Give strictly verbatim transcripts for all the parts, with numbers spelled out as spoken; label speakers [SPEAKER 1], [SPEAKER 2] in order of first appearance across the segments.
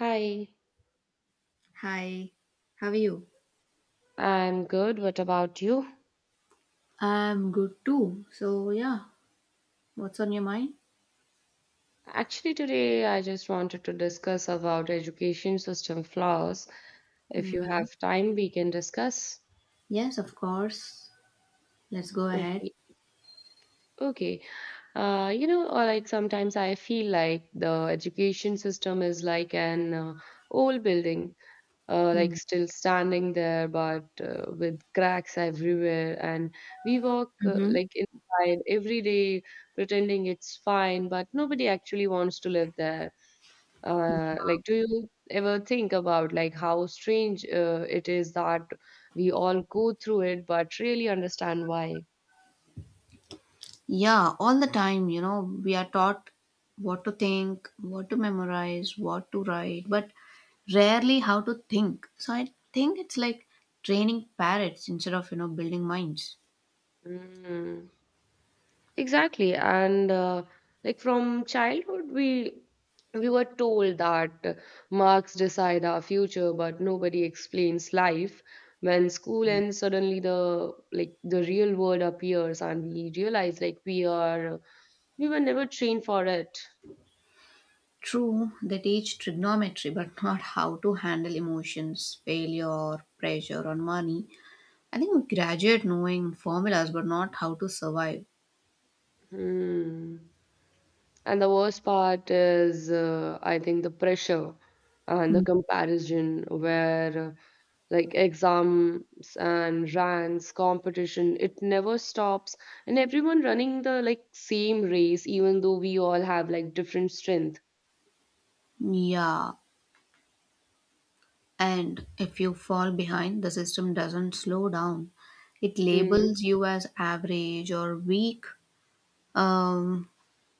[SPEAKER 1] Hi,
[SPEAKER 2] Hi, how are you?
[SPEAKER 1] I'm good. What about you?
[SPEAKER 2] I'm good too. So, yeah, what's on your mind?
[SPEAKER 1] Actually, today I just wanted to discuss about education system flaws. If you
[SPEAKER 2] Hmm.
[SPEAKER 1] have time, we can discuss.
[SPEAKER 2] Yes, of course. Let's go ahead.
[SPEAKER 1] Okay. Okay. Uh, you know, or like sometimes I feel like the education system is like an uh, old building, uh, like still standing there, but uh, with cracks everywhere. And we walk uh,
[SPEAKER 2] Mm-hmm.
[SPEAKER 1] like inside every day, pretending it's fine, but nobody actually wants to live there. Uh, like, do you ever think about like how strange uh, it is that we all go through it but really understand why?
[SPEAKER 2] Yeah, all the time, you know, we are taught what to think, what to memorize, what to write, but rarely how to think. So, I think it's like training parrots instead of, you know, building minds.
[SPEAKER 1] Mm, exactly. And uh, like from childhood, we we were told that marks decide our future, but nobody explains life. When school ends, suddenly the like the real world appears, and we realize like we are we were never trained for it.
[SPEAKER 2] True, they teach trigonometry, but not how to handle emotions, failure, pressure, or money. I think we graduate knowing formulas but not how to survive.
[SPEAKER 1] Hmm. And the worst part is, uh, I think, the pressure and the
[SPEAKER 2] Mm.
[SPEAKER 1] comparison, where uh, like exams and rants, competition, it never stops, and everyone running the like same race, even though we all have like different strength.
[SPEAKER 2] Yeah, and if you fall behind, the system doesn't slow down. It
[SPEAKER 1] Mm,
[SPEAKER 2] labels you as average or weak, um,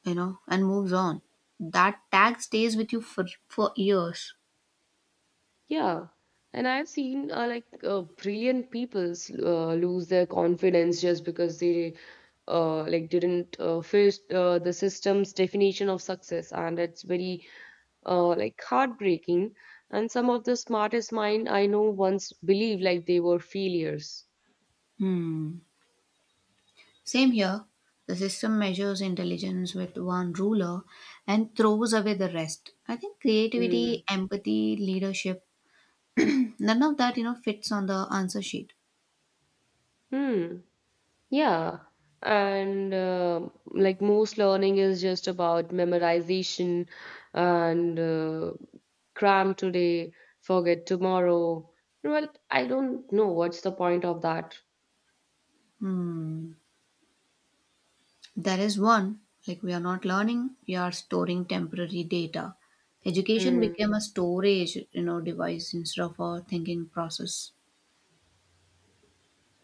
[SPEAKER 2] you know, and moves on. That tag stays with you for, for years.
[SPEAKER 1] yeah. And I've seen uh, like uh, brilliant people uh, lose their confidence just because they uh, like didn't uh, fit uh, the system's definition of success, and it's very uh, like heartbreaking, and some of the smartest mind I know once believed like they were failures.
[SPEAKER 2] Hmm. Same here. The system measures intelligence with one ruler and throws away the rest. I think
[SPEAKER 1] Hmm.
[SPEAKER 2] creativity, empathy, leadership, none of that, you know, fits on the answer sheet.
[SPEAKER 1] Hmm. Yeah. And uh, like most learning is just about memorization and uh, cram today, forget tomorrow. Well, I don't know what's the point of that.
[SPEAKER 2] Hmm, there is one. Like we are not learning, we are storing temporary data. Education
[SPEAKER 1] Hmm.
[SPEAKER 2] became a storage, you know, device instead of a thinking process.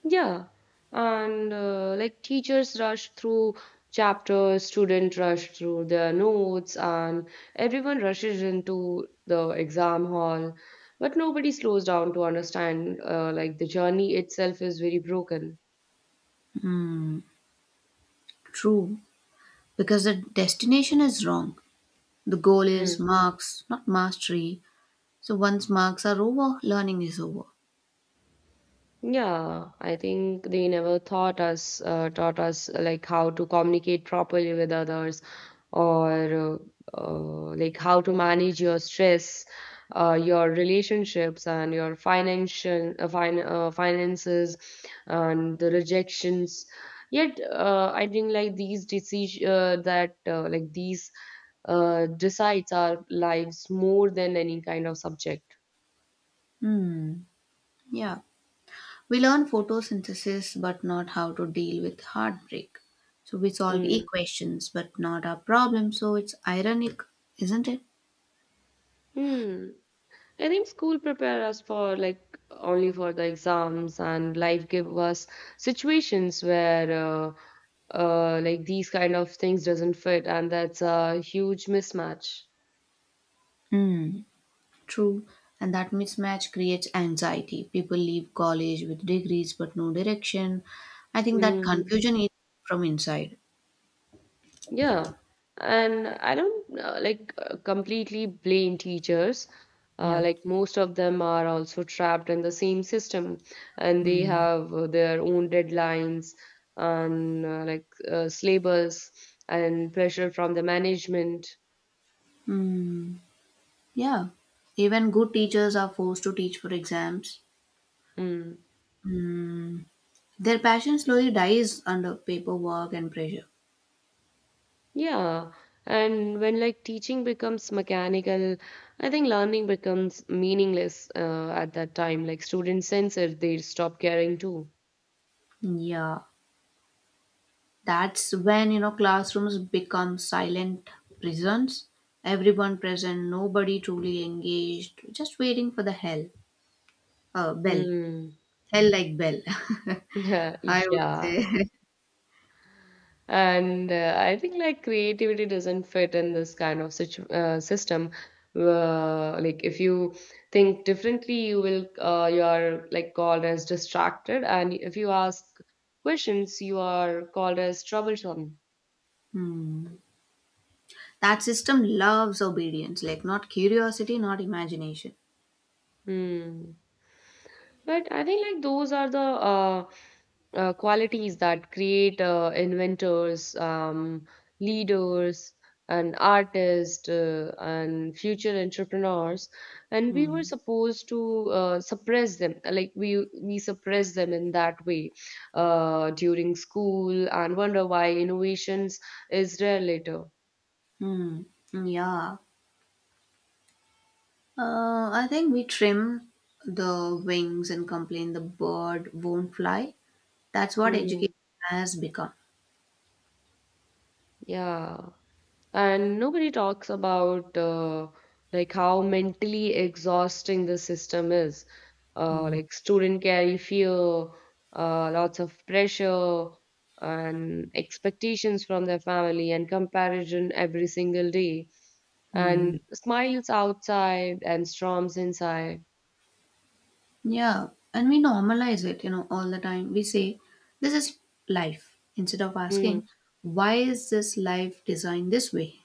[SPEAKER 1] Yeah, and uh, like teachers rush through chapters, student rush through their notes, and everyone rushes into the exam hall, but nobody slows down to understand. Uh, like the journey itself is very broken.
[SPEAKER 2] True, because the destination is wrong. The goal is marks, not mastery. So once marks are over, learning is over.
[SPEAKER 1] Yeah, I think they never taught us, uh, taught us uh, like how to communicate properly with others, or uh, uh, like how to manage your stress, uh, your relationships, and your financial uh, fin uh, finances, and the rejections. Yet, uh, I think like these decisions uh, that uh, like these uh, decides our lives more than any kind of subject.
[SPEAKER 2] Hmm. Yeah. We learn photosynthesis, but not how to deal with heartbreak. So we solve
[SPEAKER 1] Mm.
[SPEAKER 2] equations, but not our problems. So it's ironic, isn't it?
[SPEAKER 1] Mm. I think school prepare us for like only for the exams and life give us situations where uh, uh, like these kind of things doesn't fit, and that's a huge mismatch.
[SPEAKER 2] Hmm. True, and that mismatch creates anxiety. People leave college with degrees but no direction. I think that
[SPEAKER 1] Mm.
[SPEAKER 2] confusion is from inside.
[SPEAKER 1] Yeah, and I don't uh, like uh, completely blame teachers. Uh,
[SPEAKER 2] Yeah.
[SPEAKER 1] like most of them are also trapped in the same system, and they
[SPEAKER 2] Mm.
[SPEAKER 1] have uh, their own deadlines and uh, like uh, syllabus and pressure from the management.
[SPEAKER 2] Hmm. Yeah. Even good teachers are forced to teach for exams.
[SPEAKER 1] Mm.
[SPEAKER 2] Hmm. Their passion slowly dies under paperwork and pressure.
[SPEAKER 1] Yeah, and when like teaching becomes mechanical, I think learning becomes meaningless uh, at that time. Like students sense it, they stop caring too.
[SPEAKER 2] Yeah. That's when, you know, classrooms become silent prisons. Everyone present, nobody truly engaged, just waiting for the hell, uh, bell.
[SPEAKER 1] Hmm.
[SPEAKER 2] Hell like bell.
[SPEAKER 1] Yeah.
[SPEAKER 2] I would
[SPEAKER 1] Yeah.
[SPEAKER 2] say.
[SPEAKER 1] And uh, I think like creativity doesn't fit in this kind of situ uh, system. Uh, like if you think differently, you will uh, you are like called as distracted, and if you ask questions, you are called as troublesome.
[SPEAKER 2] Hmm. That system loves obedience, like not curiosity, not imagination.
[SPEAKER 1] Hmm. But I think like those are the uh, uh, qualities that create uh, inventors, um, leaders, and artists uh, and future entrepreneurs. And we were
[SPEAKER 2] Hmm.
[SPEAKER 1] supposed to uh, suppress them, like we we suppress them in that way uh, during school, and wonder why innovations is rare later.
[SPEAKER 2] Hmm. Yeah. Uh, I think we trim the wings and complain the bird won't fly. That's what education
[SPEAKER 1] Mm,
[SPEAKER 2] has become.
[SPEAKER 1] yeah. And nobody talks about uh, like how mentally exhausting the system is. Uh,
[SPEAKER 2] Hmm.
[SPEAKER 1] like student carry fear, uh, lots of pressure and expectations from their family and comparison every single day, and
[SPEAKER 2] Hmm.
[SPEAKER 1] smiles outside and storms inside.
[SPEAKER 2] Yeah. And we normalize it, you know, all the time. We say, this is life, instead of
[SPEAKER 1] Hmm.
[SPEAKER 2] asking, why is this life designed this way?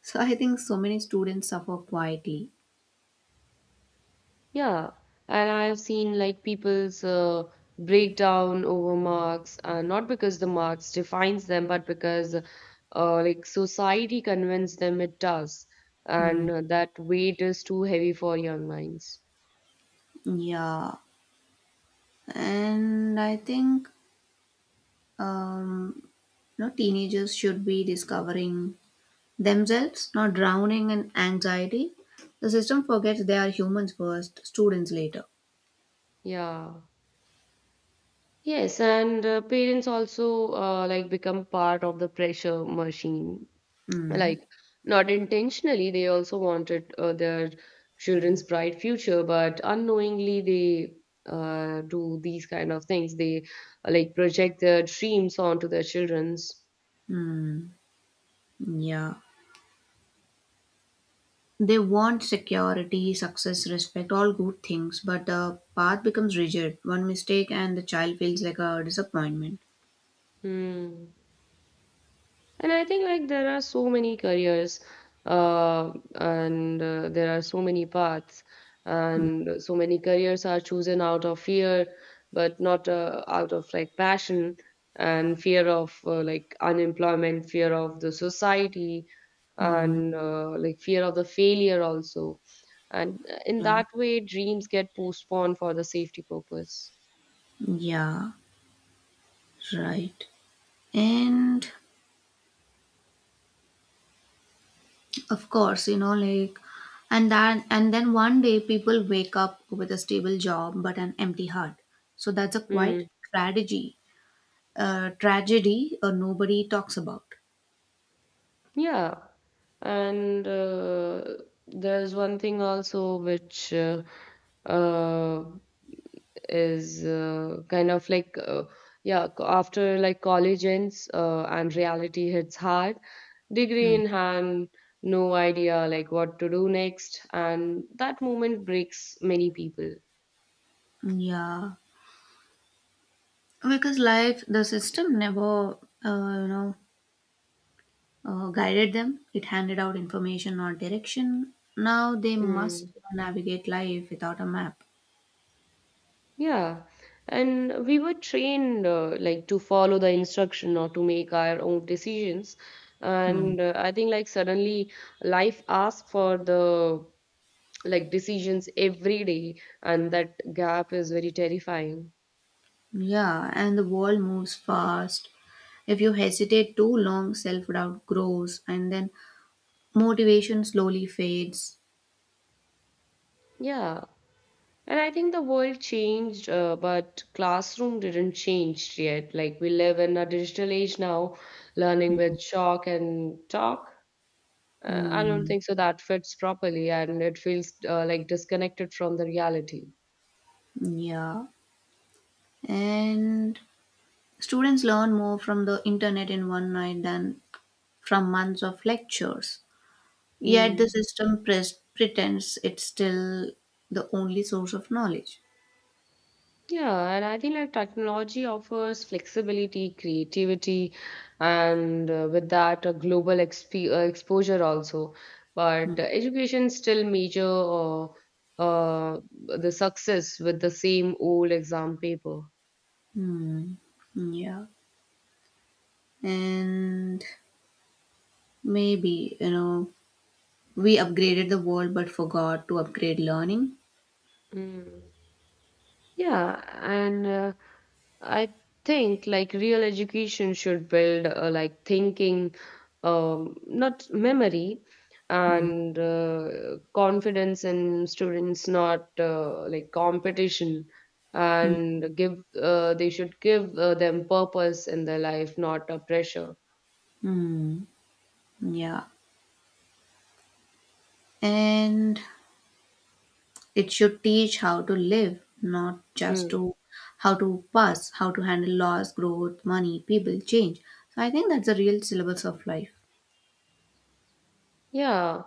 [SPEAKER 2] So I think so many students suffer quietly.
[SPEAKER 1] Yeah, and I have seen like people's uh, breakdown over marks, uh, not because the marks defines them, but because uh, like society convinced them it does,
[SPEAKER 2] Hmm.
[SPEAKER 1] and uh, that weight is too heavy for young minds.
[SPEAKER 2] Yeah, and I think um, you know teenagers should be discovering themselves, not drowning in anxiety. The system forgets they are humans first, students later.
[SPEAKER 1] Yeah. Yes, and uh, parents also uh, like become part of the pressure machine,
[SPEAKER 2] Hmm.
[SPEAKER 1] like not intentionally, they also wanted uh, their children's bright future, but unknowingly they uh, do these kind of things, they uh, like project their dreams onto their children's.
[SPEAKER 2] Hmm. Yeah. They want security, success, respect, all good things, but the path becomes rigid. One mistake and the child feels like a disappointment.
[SPEAKER 1] Hmm. And I think like there are so many careers, uh, and uh, there are so many paths,
[SPEAKER 2] Hmm.
[SPEAKER 1] and so many careers are chosen out of fear, but not uh, out of like passion, and fear of uh, like unemployment, fear of the society,
[SPEAKER 2] Hmm.
[SPEAKER 1] and uh, like fear of the failure also. And in
[SPEAKER 2] Yeah.
[SPEAKER 1] that way, dreams get postponed for the safety purpose.
[SPEAKER 2] Yeah. Right. And of course, you know, like and that and then one day people wake up with a stable job but an empty heart. So that's a quite
[SPEAKER 1] Hmm.
[SPEAKER 2] tragedy. Uh, tragedy uh, nobody talks about.
[SPEAKER 1] Yeah, and uh, there's one thing also which uh, uh, is uh, kind of like uh, yeah, co- after like college ends uh, and reality hits hard, degree
[SPEAKER 2] Mm.
[SPEAKER 1] in hand, no idea like what to do next, and that moment breaks many people.
[SPEAKER 2] Yeah. Because life the system never uh, you know uh, guided them. It handed out information or direction. Now they must navigate life without a map.
[SPEAKER 1] Yeah, and we were trained uh, like to follow the instruction or to make our own decisions.
[SPEAKER 2] Mm.
[SPEAKER 1] And uh, I think like suddenly life asks for the like decisions every day, and that gap is very terrifying.
[SPEAKER 2] Yeah, and the world moves fast. If you hesitate too long, self doubt grows and then motivation slowly fades.
[SPEAKER 1] Yeah, and I think the world changed, uh, but classroom didn't change yet. Like we live in a digital age now, learning
[SPEAKER 2] Mhm.
[SPEAKER 1] with chalk and talk. Uh, I don't
[SPEAKER 2] Mm,
[SPEAKER 1] think so that fits properly, and it feels uh, like disconnected from the reality.
[SPEAKER 2] yeah. And students learn more from the internet in one night than from months of lectures. Yet the
[SPEAKER 1] Hmm.
[SPEAKER 2] system pres- pretends it's still the only source of knowledge.
[SPEAKER 1] Yeah, and I think like technology offers flexibility, creativity, and uh, with that, a global exp- uh, exposure also. But uh,
[SPEAKER 2] Mhm.
[SPEAKER 1] education still measure uh, uh, the success with the same old exam paper.
[SPEAKER 2] Hmm. Yeah. And maybe, you know, we upgraded the world but forgot to upgrade learning.
[SPEAKER 1] Hmm. Yeah, and uh, I think like real education should build uh, like thinking, um, not memory, and uh, confidence in students, not uh, like competition,
[SPEAKER 2] Mhm.
[SPEAKER 1] and give uh, they should give uh, them purpose in their life, not a pressure.
[SPEAKER 2] Hmm. Yeah. And it should teach how to live, not just
[SPEAKER 1] Hmm.
[SPEAKER 2] to how to pass, how to handle loss, growth, money, people, change. So I think that's the real syllabus of life.
[SPEAKER 1] Yeah.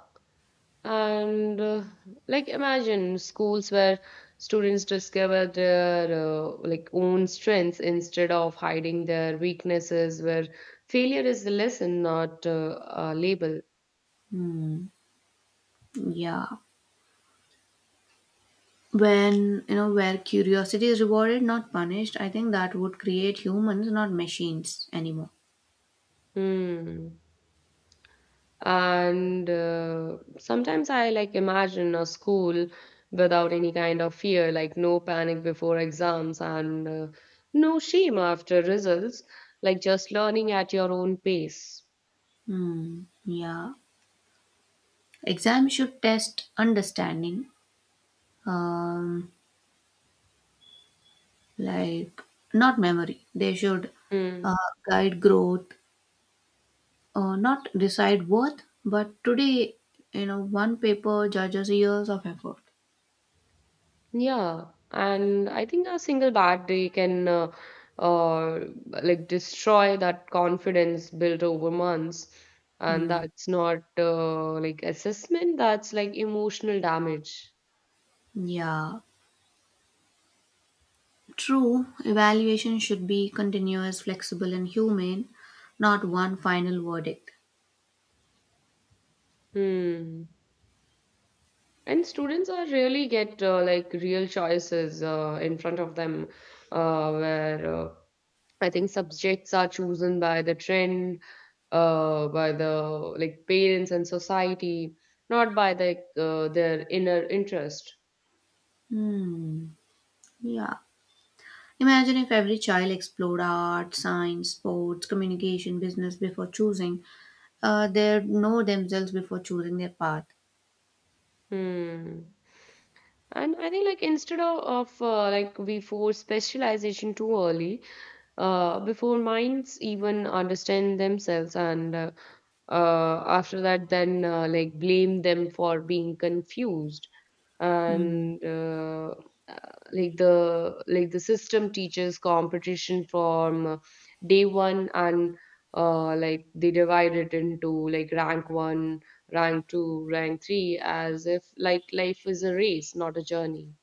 [SPEAKER 1] And uh, like imagine schools where students discover their uh, like own strengths instead of hiding their weaknesses, where failure is a lesson, not uh, a label.
[SPEAKER 2] Hmm. Yeah. When, you know, where curiosity is rewarded, not punished, I think that would create humans, not machines anymore.
[SPEAKER 1] Hmm. And uh, sometimes I like imagine a school without any kind of fear, like no panic before exams and uh, no shame after results, like just learning at your own pace.
[SPEAKER 2] Hmm. Yeah. Exam should test understanding. Um, like not memory. They should
[SPEAKER 1] Hmm.
[SPEAKER 2] uh, guide growth, uh, not decide worth. But today, you know, one paper judges years of effort.
[SPEAKER 1] Yeah, and I think a single bad day can uh, uh, like destroy that confidence built over months, and
[SPEAKER 2] Hmm.
[SPEAKER 1] that's not uh, like assessment, that's like emotional damage.
[SPEAKER 2] Yeah, true. Evaluation should be continuous, flexible, and humane, not one final verdict.
[SPEAKER 1] Hmm. And students are really get uh, like real choices uh, in front of them, uh, where uh, I think subjects are chosen by the trend, uh, by the like parents and society, not by the uh, their inner interest.
[SPEAKER 2] Hmm. Yeah. Imagine if every child explored art, science, sports, communication, business before choosing. Uh, they know themselves before choosing their path.
[SPEAKER 1] Hmm. And I think like instead of, of uh, like we force specialization too early, uh, before minds even understand themselves and uh, uh, after that then uh, like blame them for being confused
[SPEAKER 2] Hmm.
[SPEAKER 1] and uh, uh, like the like the system teaches competition from uh, day one, and uh, like they divide it into like rank one, rank two, rank three, as if like life is a race, not a journey.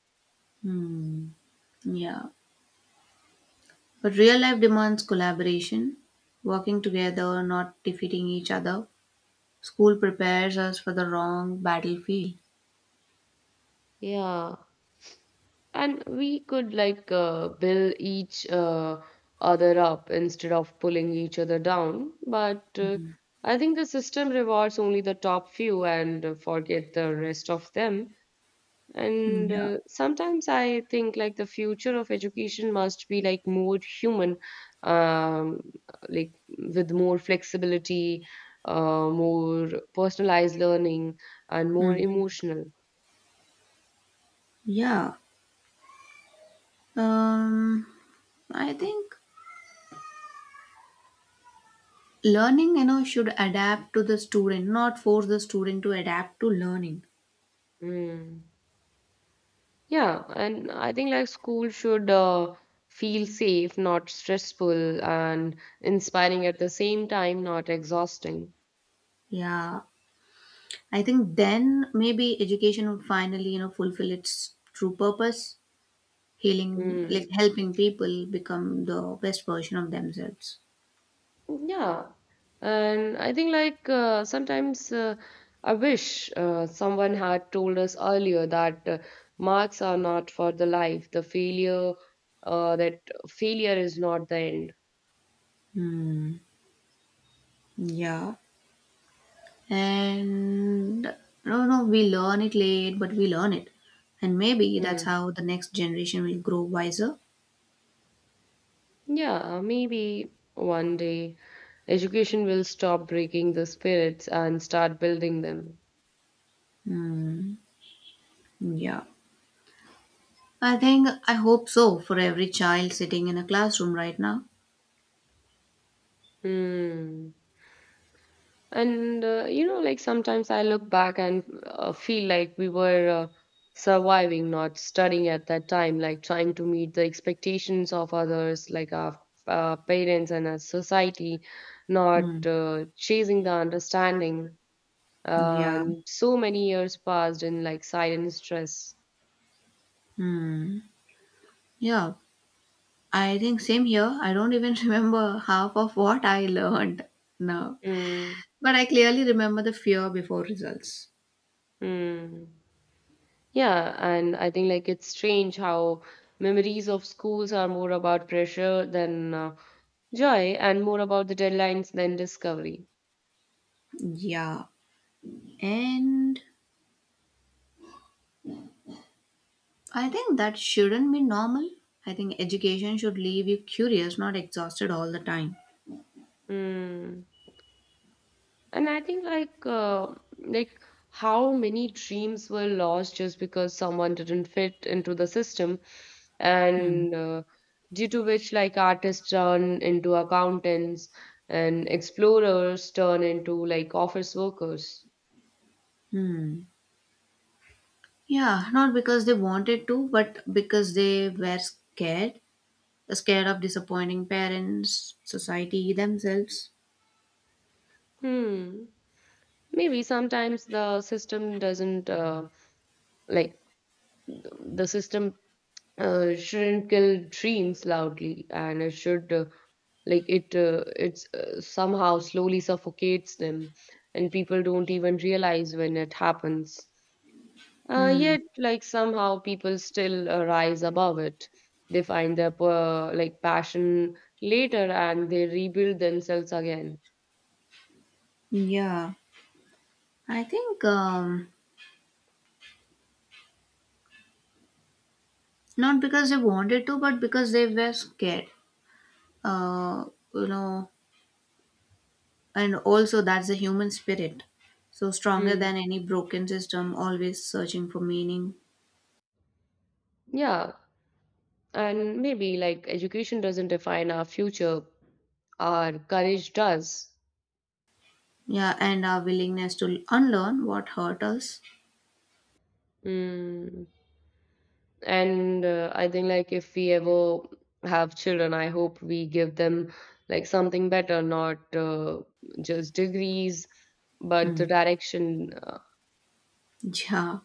[SPEAKER 2] Hmm. Yeah. But real life demands collaboration, working together, not defeating each other. School prepares us for the wrong battlefield.
[SPEAKER 1] Yeah. And we could like uh, build each uh, other up instead of pulling each other down. But uh,
[SPEAKER 2] Hmm.
[SPEAKER 1] I think the system rewards only the top few and uh, forget the rest of them. And
[SPEAKER 2] Yeah.
[SPEAKER 1] uh, sometimes I think like the future of education must be like more human, um, like with more flexibility, uh, more personalized learning, and more
[SPEAKER 2] Hmm.
[SPEAKER 1] emotional.
[SPEAKER 2] Yeah. Um, I think learning, you know, should adapt to the student, not force the student to adapt to learning.
[SPEAKER 1] Mm. Yeah, and I think like school should uh, feel safe, not stressful, and inspiring at the same time, not exhausting.
[SPEAKER 2] Yeah. I think then maybe education will finally, you know, fulfill its true purpose, healing, like
[SPEAKER 1] Mm.
[SPEAKER 2] helping people become the best version of themselves.
[SPEAKER 1] Yeah, and I think like uh, sometimes uh, I wish uh, someone had told us earlier that uh, marks are not for the life, the failure, uh, that failure is not the end.
[SPEAKER 2] Hmm. Yeah. And no, no, we learn it late, but we learn it. And maybe that's
[SPEAKER 1] Hmm.
[SPEAKER 2] how the next generation will grow wiser.
[SPEAKER 1] Yeah, maybe one day education will stop breaking the spirits and start building them.
[SPEAKER 2] Hmm. Yeah. I think I hope so for every child sitting in a classroom right now.
[SPEAKER 1] Hmm. And uh, you know, like sometimes I look back and uh, feel like we were uh, surviving, not studying at that time, like trying to meet the expectations of others, like our uh, parents and our society,
[SPEAKER 2] Hmm.
[SPEAKER 1] not uh, chasing the understanding.
[SPEAKER 2] Yeah.
[SPEAKER 1] And so many years passed in like silent stress.
[SPEAKER 2] Hmm. Yeah. I think same here. I don't even remember half of what I learned now.
[SPEAKER 1] Hmm.
[SPEAKER 2] But I clearly remember the fear before results.
[SPEAKER 1] Hmm. Yeah, and I think like it's strange how memories of schools are more about pressure than uh, joy, and more about the deadlines than discovery.
[SPEAKER 2] Yeah. And I think that shouldn't be normal. I think education should leave you curious, not exhausted all the time.
[SPEAKER 1] Mm. And I think like uh, like how many dreams were lost just because someone didn't fit into the system,
[SPEAKER 2] Hmm.
[SPEAKER 1] and uh, due to which like artists turn into accountants and explorers turn into like office workers.
[SPEAKER 2] Hmm. Yeah, not because they wanted to, but because they were scared. Scared of disappointing parents, society, themselves.
[SPEAKER 1] Hmm. Maybe sometimes the system doesn't uh, like the system uh, shouldn't kill dreams loudly, and it should uh, like it uh, it's uh, somehow slowly suffocates them, and people don't even realize when it happens. Uh,
[SPEAKER 2] Hmm.
[SPEAKER 1] yet, like somehow people still uh, rise above it. They find their uh, like passion later, and they rebuild themselves again.
[SPEAKER 2] Yeah. I think um, not because they wanted to, but because they were scared. Uh, you know, and also that's the human spirit. So stronger
[SPEAKER 1] Mm.
[SPEAKER 2] than any broken system, always searching for meaning.
[SPEAKER 1] Yeah, and maybe like education doesn't define our future, our courage does.
[SPEAKER 2] Yeah, and our willingness to unlearn what hurt us.
[SPEAKER 1] Mm. And uh, I think like if we ever have children, I hope we give them like something better, not uh, just degrees, but the
[SPEAKER 2] Hmm.
[SPEAKER 1] direction. Uh,
[SPEAKER 2] Yeah,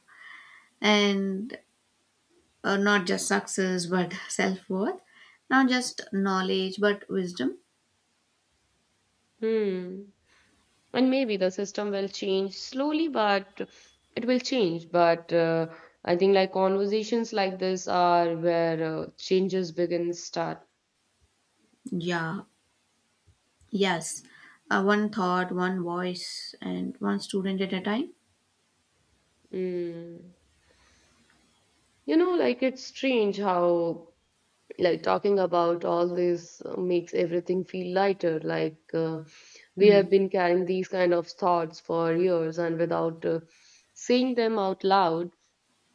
[SPEAKER 2] and uh, not just success, but self worth. Not just knowledge, but wisdom.
[SPEAKER 1] Hmm. And maybe the system will change slowly, but it will change. But uh, I think like conversations like this are where uh, changes begin start.
[SPEAKER 2] Yeah, yes. Uh, one thought, one voice, and one student at a time.
[SPEAKER 1] Mm. You know, like it's strange how, like, talking about all this uh, makes everything feel lighter. Like, uh, we have
[SPEAKER 2] Hmm.
[SPEAKER 1] been carrying these kind of thoughts for years, and without uh, saying them out loud,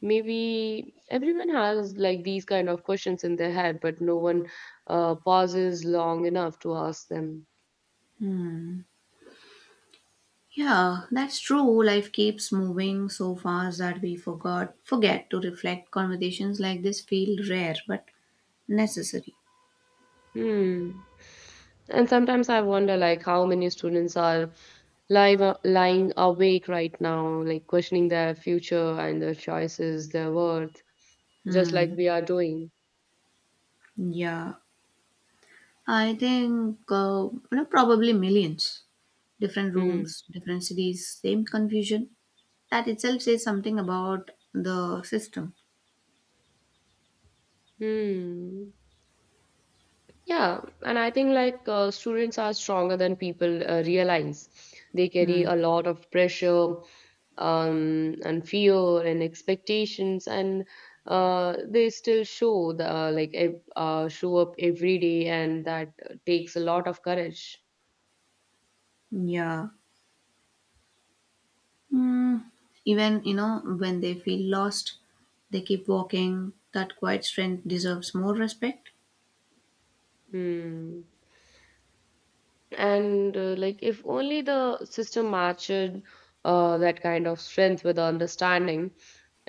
[SPEAKER 1] maybe everyone has like these kind of questions in their head, but no one uh, pauses long enough to ask them.
[SPEAKER 2] Yeah, that's true. Life keeps moving so fast that we forgot forget to reflect. Conversations like this feel rare but necessary.
[SPEAKER 1] Hmm. And sometimes I wonder like how many students are live lying awake right now, like questioning their future and their choices, their worth, just like
[SPEAKER 2] Hmm.
[SPEAKER 1] we are doing.
[SPEAKER 2] Yeah. I think uh, you know probably millions. Different
[SPEAKER 1] Mm.
[SPEAKER 2] rooms, different cities, same confusion. That itself says something about the system.
[SPEAKER 1] Hmm. Yeah, and I think like uh, students are stronger than people uh, realize. They carry
[SPEAKER 2] Hmm.
[SPEAKER 1] a lot of pressure, um, and fear and expectations, and uh, they still show the uh, like ev- uh, show up every day, and that takes a lot of courage.
[SPEAKER 2] Yeah. Hmm. Even you know when they feel lost, they keep walking. That quiet strength deserves more respect.
[SPEAKER 1] Hmm. And uh, like, if only the system matched uh, that kind of strength with understanding,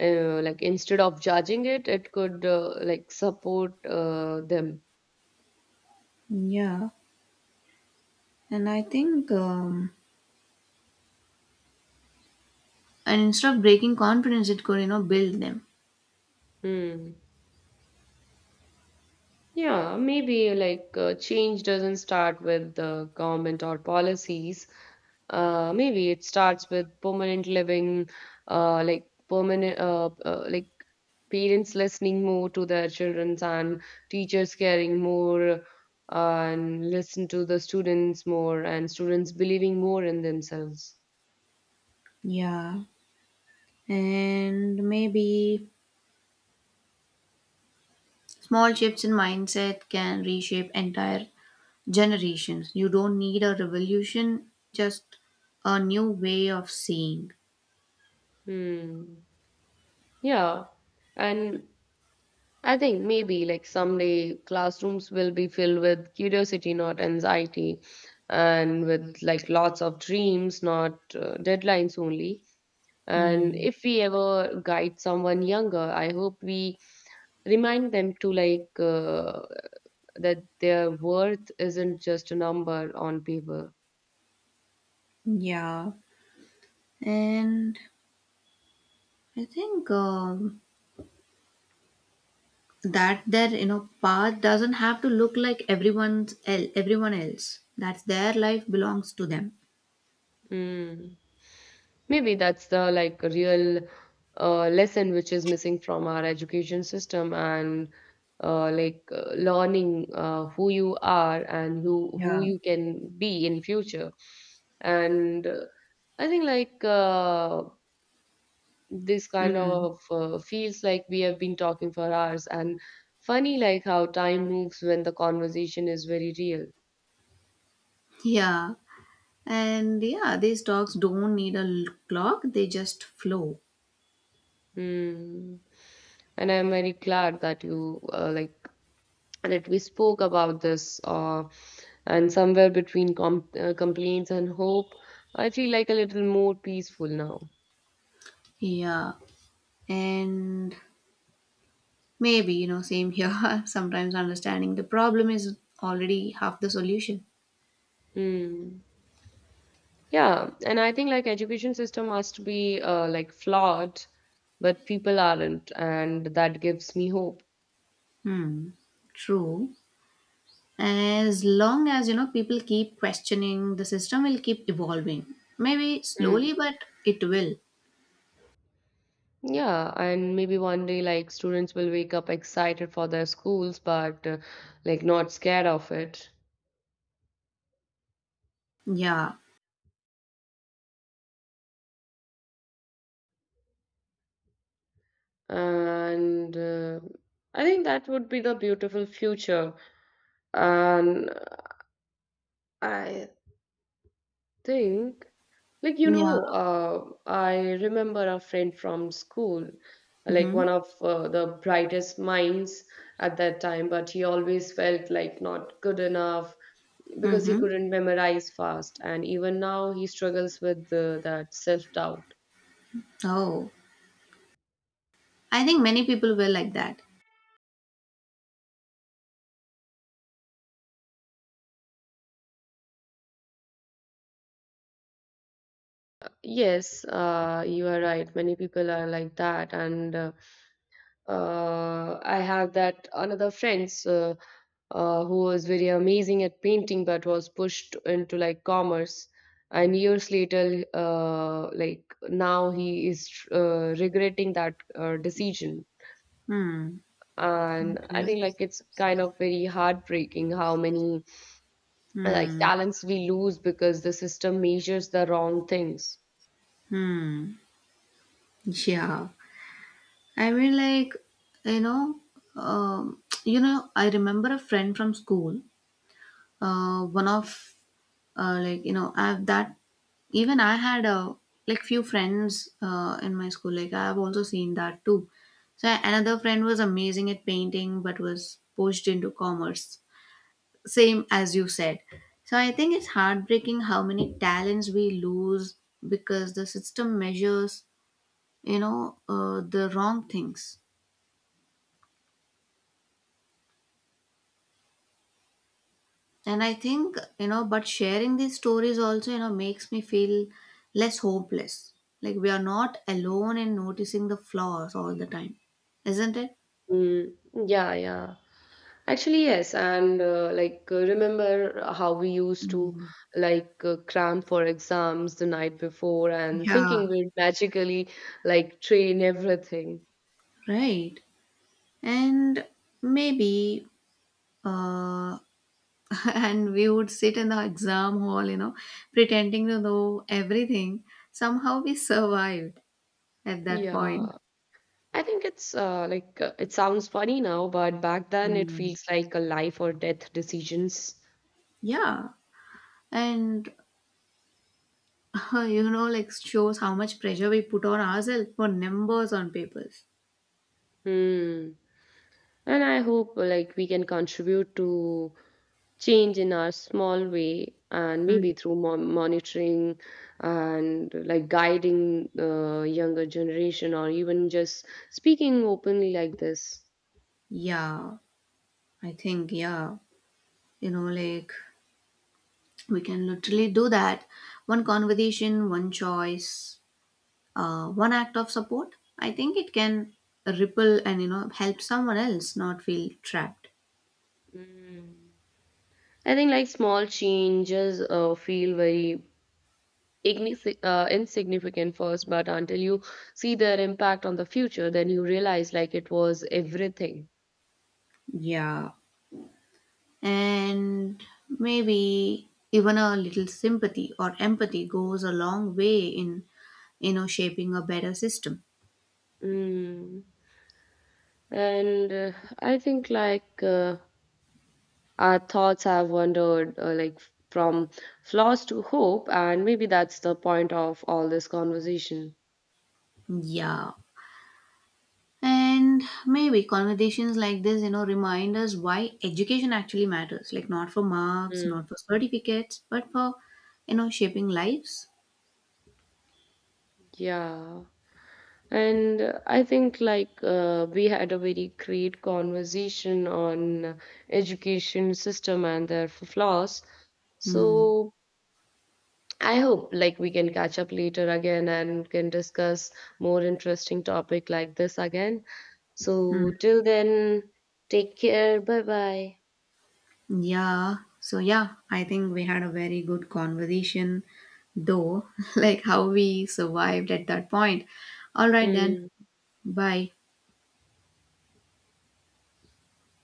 [SPEAKER 1] uh, like instead of judging it, it could uh, like support uh, them.
[SPEAKER 2] Yeah. And I think um, and instead of breaking confidence, it could you know build them.
[SPEAKER 1] Hmm. Yeah, maybe like uh, change doesn't start with the government or policies. Uh, maybe it starts with permanent living, uh, like permanent, uh, uh, like parents listening more to their children and teachers caring more and listen to the students more and students believing more in themselves.
[SPEAKER 2] Yeah. And maybe small shifts in mindset can reshape entire generations. You don't need a revolution, just a new way of seeing.
[SPEAKER 1] Hmm. Yeah. And I think maybe like someday classrooms will be filled with curiosity, not anxiety, and with like lots of dreams, not uh, deadlines only. And
[SPEAKER 2] Hmm.
[SPEAKER 1] if we ever guide someone younger, I hope we remind them to like uh, that their worth isn't just a number on paper.
[SPEAKER 2] Yeah. And I think um, that their you know path doesn't have to look like everyone's el- everyone else. That's their life belongs to them.
[SPEAKER 1] Mm. Maybe that's the like real uh, lesson which is missing from our education system and uh, like uh, learning uh, who you are and who who
[SPEAKER 2] Yeah.
[SPEAKER 1] you can be in future. And uh, I think like uh, this kind
[SPEAKER 2] Hmm.
[SPEAKER 1] of uh, feels like we have been talking for hours and funny like how time moves when the conversation is very real.
[SPEAKER 2] Yeah. And yeah, these dogs don't need a l- clock, they just flow.
[SPEAKER 1] Mm. And I'm very glad that you uh, like that we spoke about this. Uh, and somewhere between com- uh, complaints and hope, I feel like a little more peaceful now.
[SPEAKER 2] Yeah. And maybe, you know, same here. Sometimes understanding the problem is already half the solution.
[SPEAKER 1] Mm. Yeah, and I think like education system must be uh, like flawed, but people aren't, and that gives me hope.
[SPEAKER 2] Hmm, true. As long as, you know, people keep questioning, the system will keep evolving. Maybe
[SPEAKER 1] Mm.
[SPEAKER 2] slowly, but it will.
[SPEAKER 1] Yeah, and maybe one day like students will wake up excited for their schools, but uh, like not scared of it.
[SPEAKER 2] Yeah.
[SPEAKER 1] And uh, I think that would be the beautiful future. And I think, like you
[SPEAKER 2] Yeah.
[SPEAKER 1] know, uh, I remember a friend from school, like
[SPEAKER 2] Mm-hmm.
[SPEAKER 1] one of uh, the brightest minds at that time, but he always felt like not good enough because he
[SPEAKER 2] Mm-hmm.
[SPEAKER 1] couldn't memorize fast, and even now he struggles with uh, that self doubt.
[SPEAKER 2] Oh, I think many people were like that.
[SPEAKER 1] Yes, uh, you are right. Many people are like that, and uh, Uh, I have that another friends uh, uh, who was very amazing at painting but was pushed into like commerce. And years later, uh, like now he is uh, regretting that uh, decision.
[SPEAKER 2] Hmm.
[SPEAKER 1] And I
[SPEAKER 2] Okay.
[SPEAKER 1] think like it's kind of very heartbreaking how many uh, like
[SPEAKER 2] Hmm.
[SPEAKER 1] talents we lose because the system measures the wrong things.
[SPEAKER 2] Hmm. Yeah. I mean, like, you know, um, you know, I remember a friend from school. Uh, one of uh, like you know I've that Even I had a like few friends uh, in my school like I've also seen that too. So another friend was amazing at painting but was pushed into commerce, same as you said. So I think it's heartbreaking how many talents we lose because the system measures you know uh, the wrong things. And I think, you know, but sharing these stories also, you know, makes me feel less hopeless. Like we are not alone in noticing the flaws all the time, isn't it?
[SPEAKER 1] Mm, yeah, yeah. Actually, yes, and uh, like uh, remember how we used to
[SPEAKER 2] Mm.
[SPEAKER 1] like uh, cram for exams the night before and
[SPEAKER 2] Yeah,
[SPEAKER 1] thinking we'd magically like train everything.
[SPEAKER 2] right. And maybe, uh, and we would sit in the exam hall, you know, pretending to know everything. Somehow we survived at that point.
[SPEAKER 1] Yeah, I think it's uh, like uh, it sounds funny now, but back then it
[SPEAKER 2] Mm.
[SPEAKER 1] feels like a life or death decisions.
[SPEAKER 2] Yeah. And you know, like shows how much pressure we put on ourselves for numbers on papers.
[SPEAKER 1] Hmm. And I hope uh, like we can contribute to change in our small way and
[SPEAKER 2] Mm.
[SPEAKER 1] maybe through mon- monitoring and like guiding the younger generation or even just speaking openly like this.
[SPEAKER 2] Yeah, I think, yeah, you know, like we can literally do that. One conversation, one choice, uh, one act of support. I think it can ripple and, you know, help someone else not feel trapped.
[SPEAKER 1] Mm. I think like small changes uh, feel very ignis- uh, insignificant first but until you see their impact on the future then you realize like it was everything.
[SPEAKER 2] Yeah. And maybe even a little sympathy or empathy goes a long way in, you know, shaping a better system.
[SPEAKER 1] Mm. And uh, I think like uh, our thoughts have wandered uh, like from flaws to hope, and maybe that's the point of all this conversation.
[SPEAKER 2] Yeah. And maybe conversations like this, you know, remind us why education actually matters. Like not for marks,
[SPEAKER 1] Mm.
[SPEAKER 2] not for certificates, but for, you know, shaping lives.
[SPEAKER 1] Yeah. And uh, I think like uh, we had a very great conversation on education system and their f- flaws.
[SPEAKER 2] Hmm.
[SPEAKER 1] So I hope like we can catch up later again and can discuss more interesting topic like this again.
[SPEAKER 2] Hmm.
[SPEAKER 1] So till then, take care. Bye bye.
[SPEAKER 2] Yeah. So yeah, I think we had a very good conversation though, like how we survived at that point. All right then.
[SPEAKER 1] Mm.
[SPEAKER 2] Bye.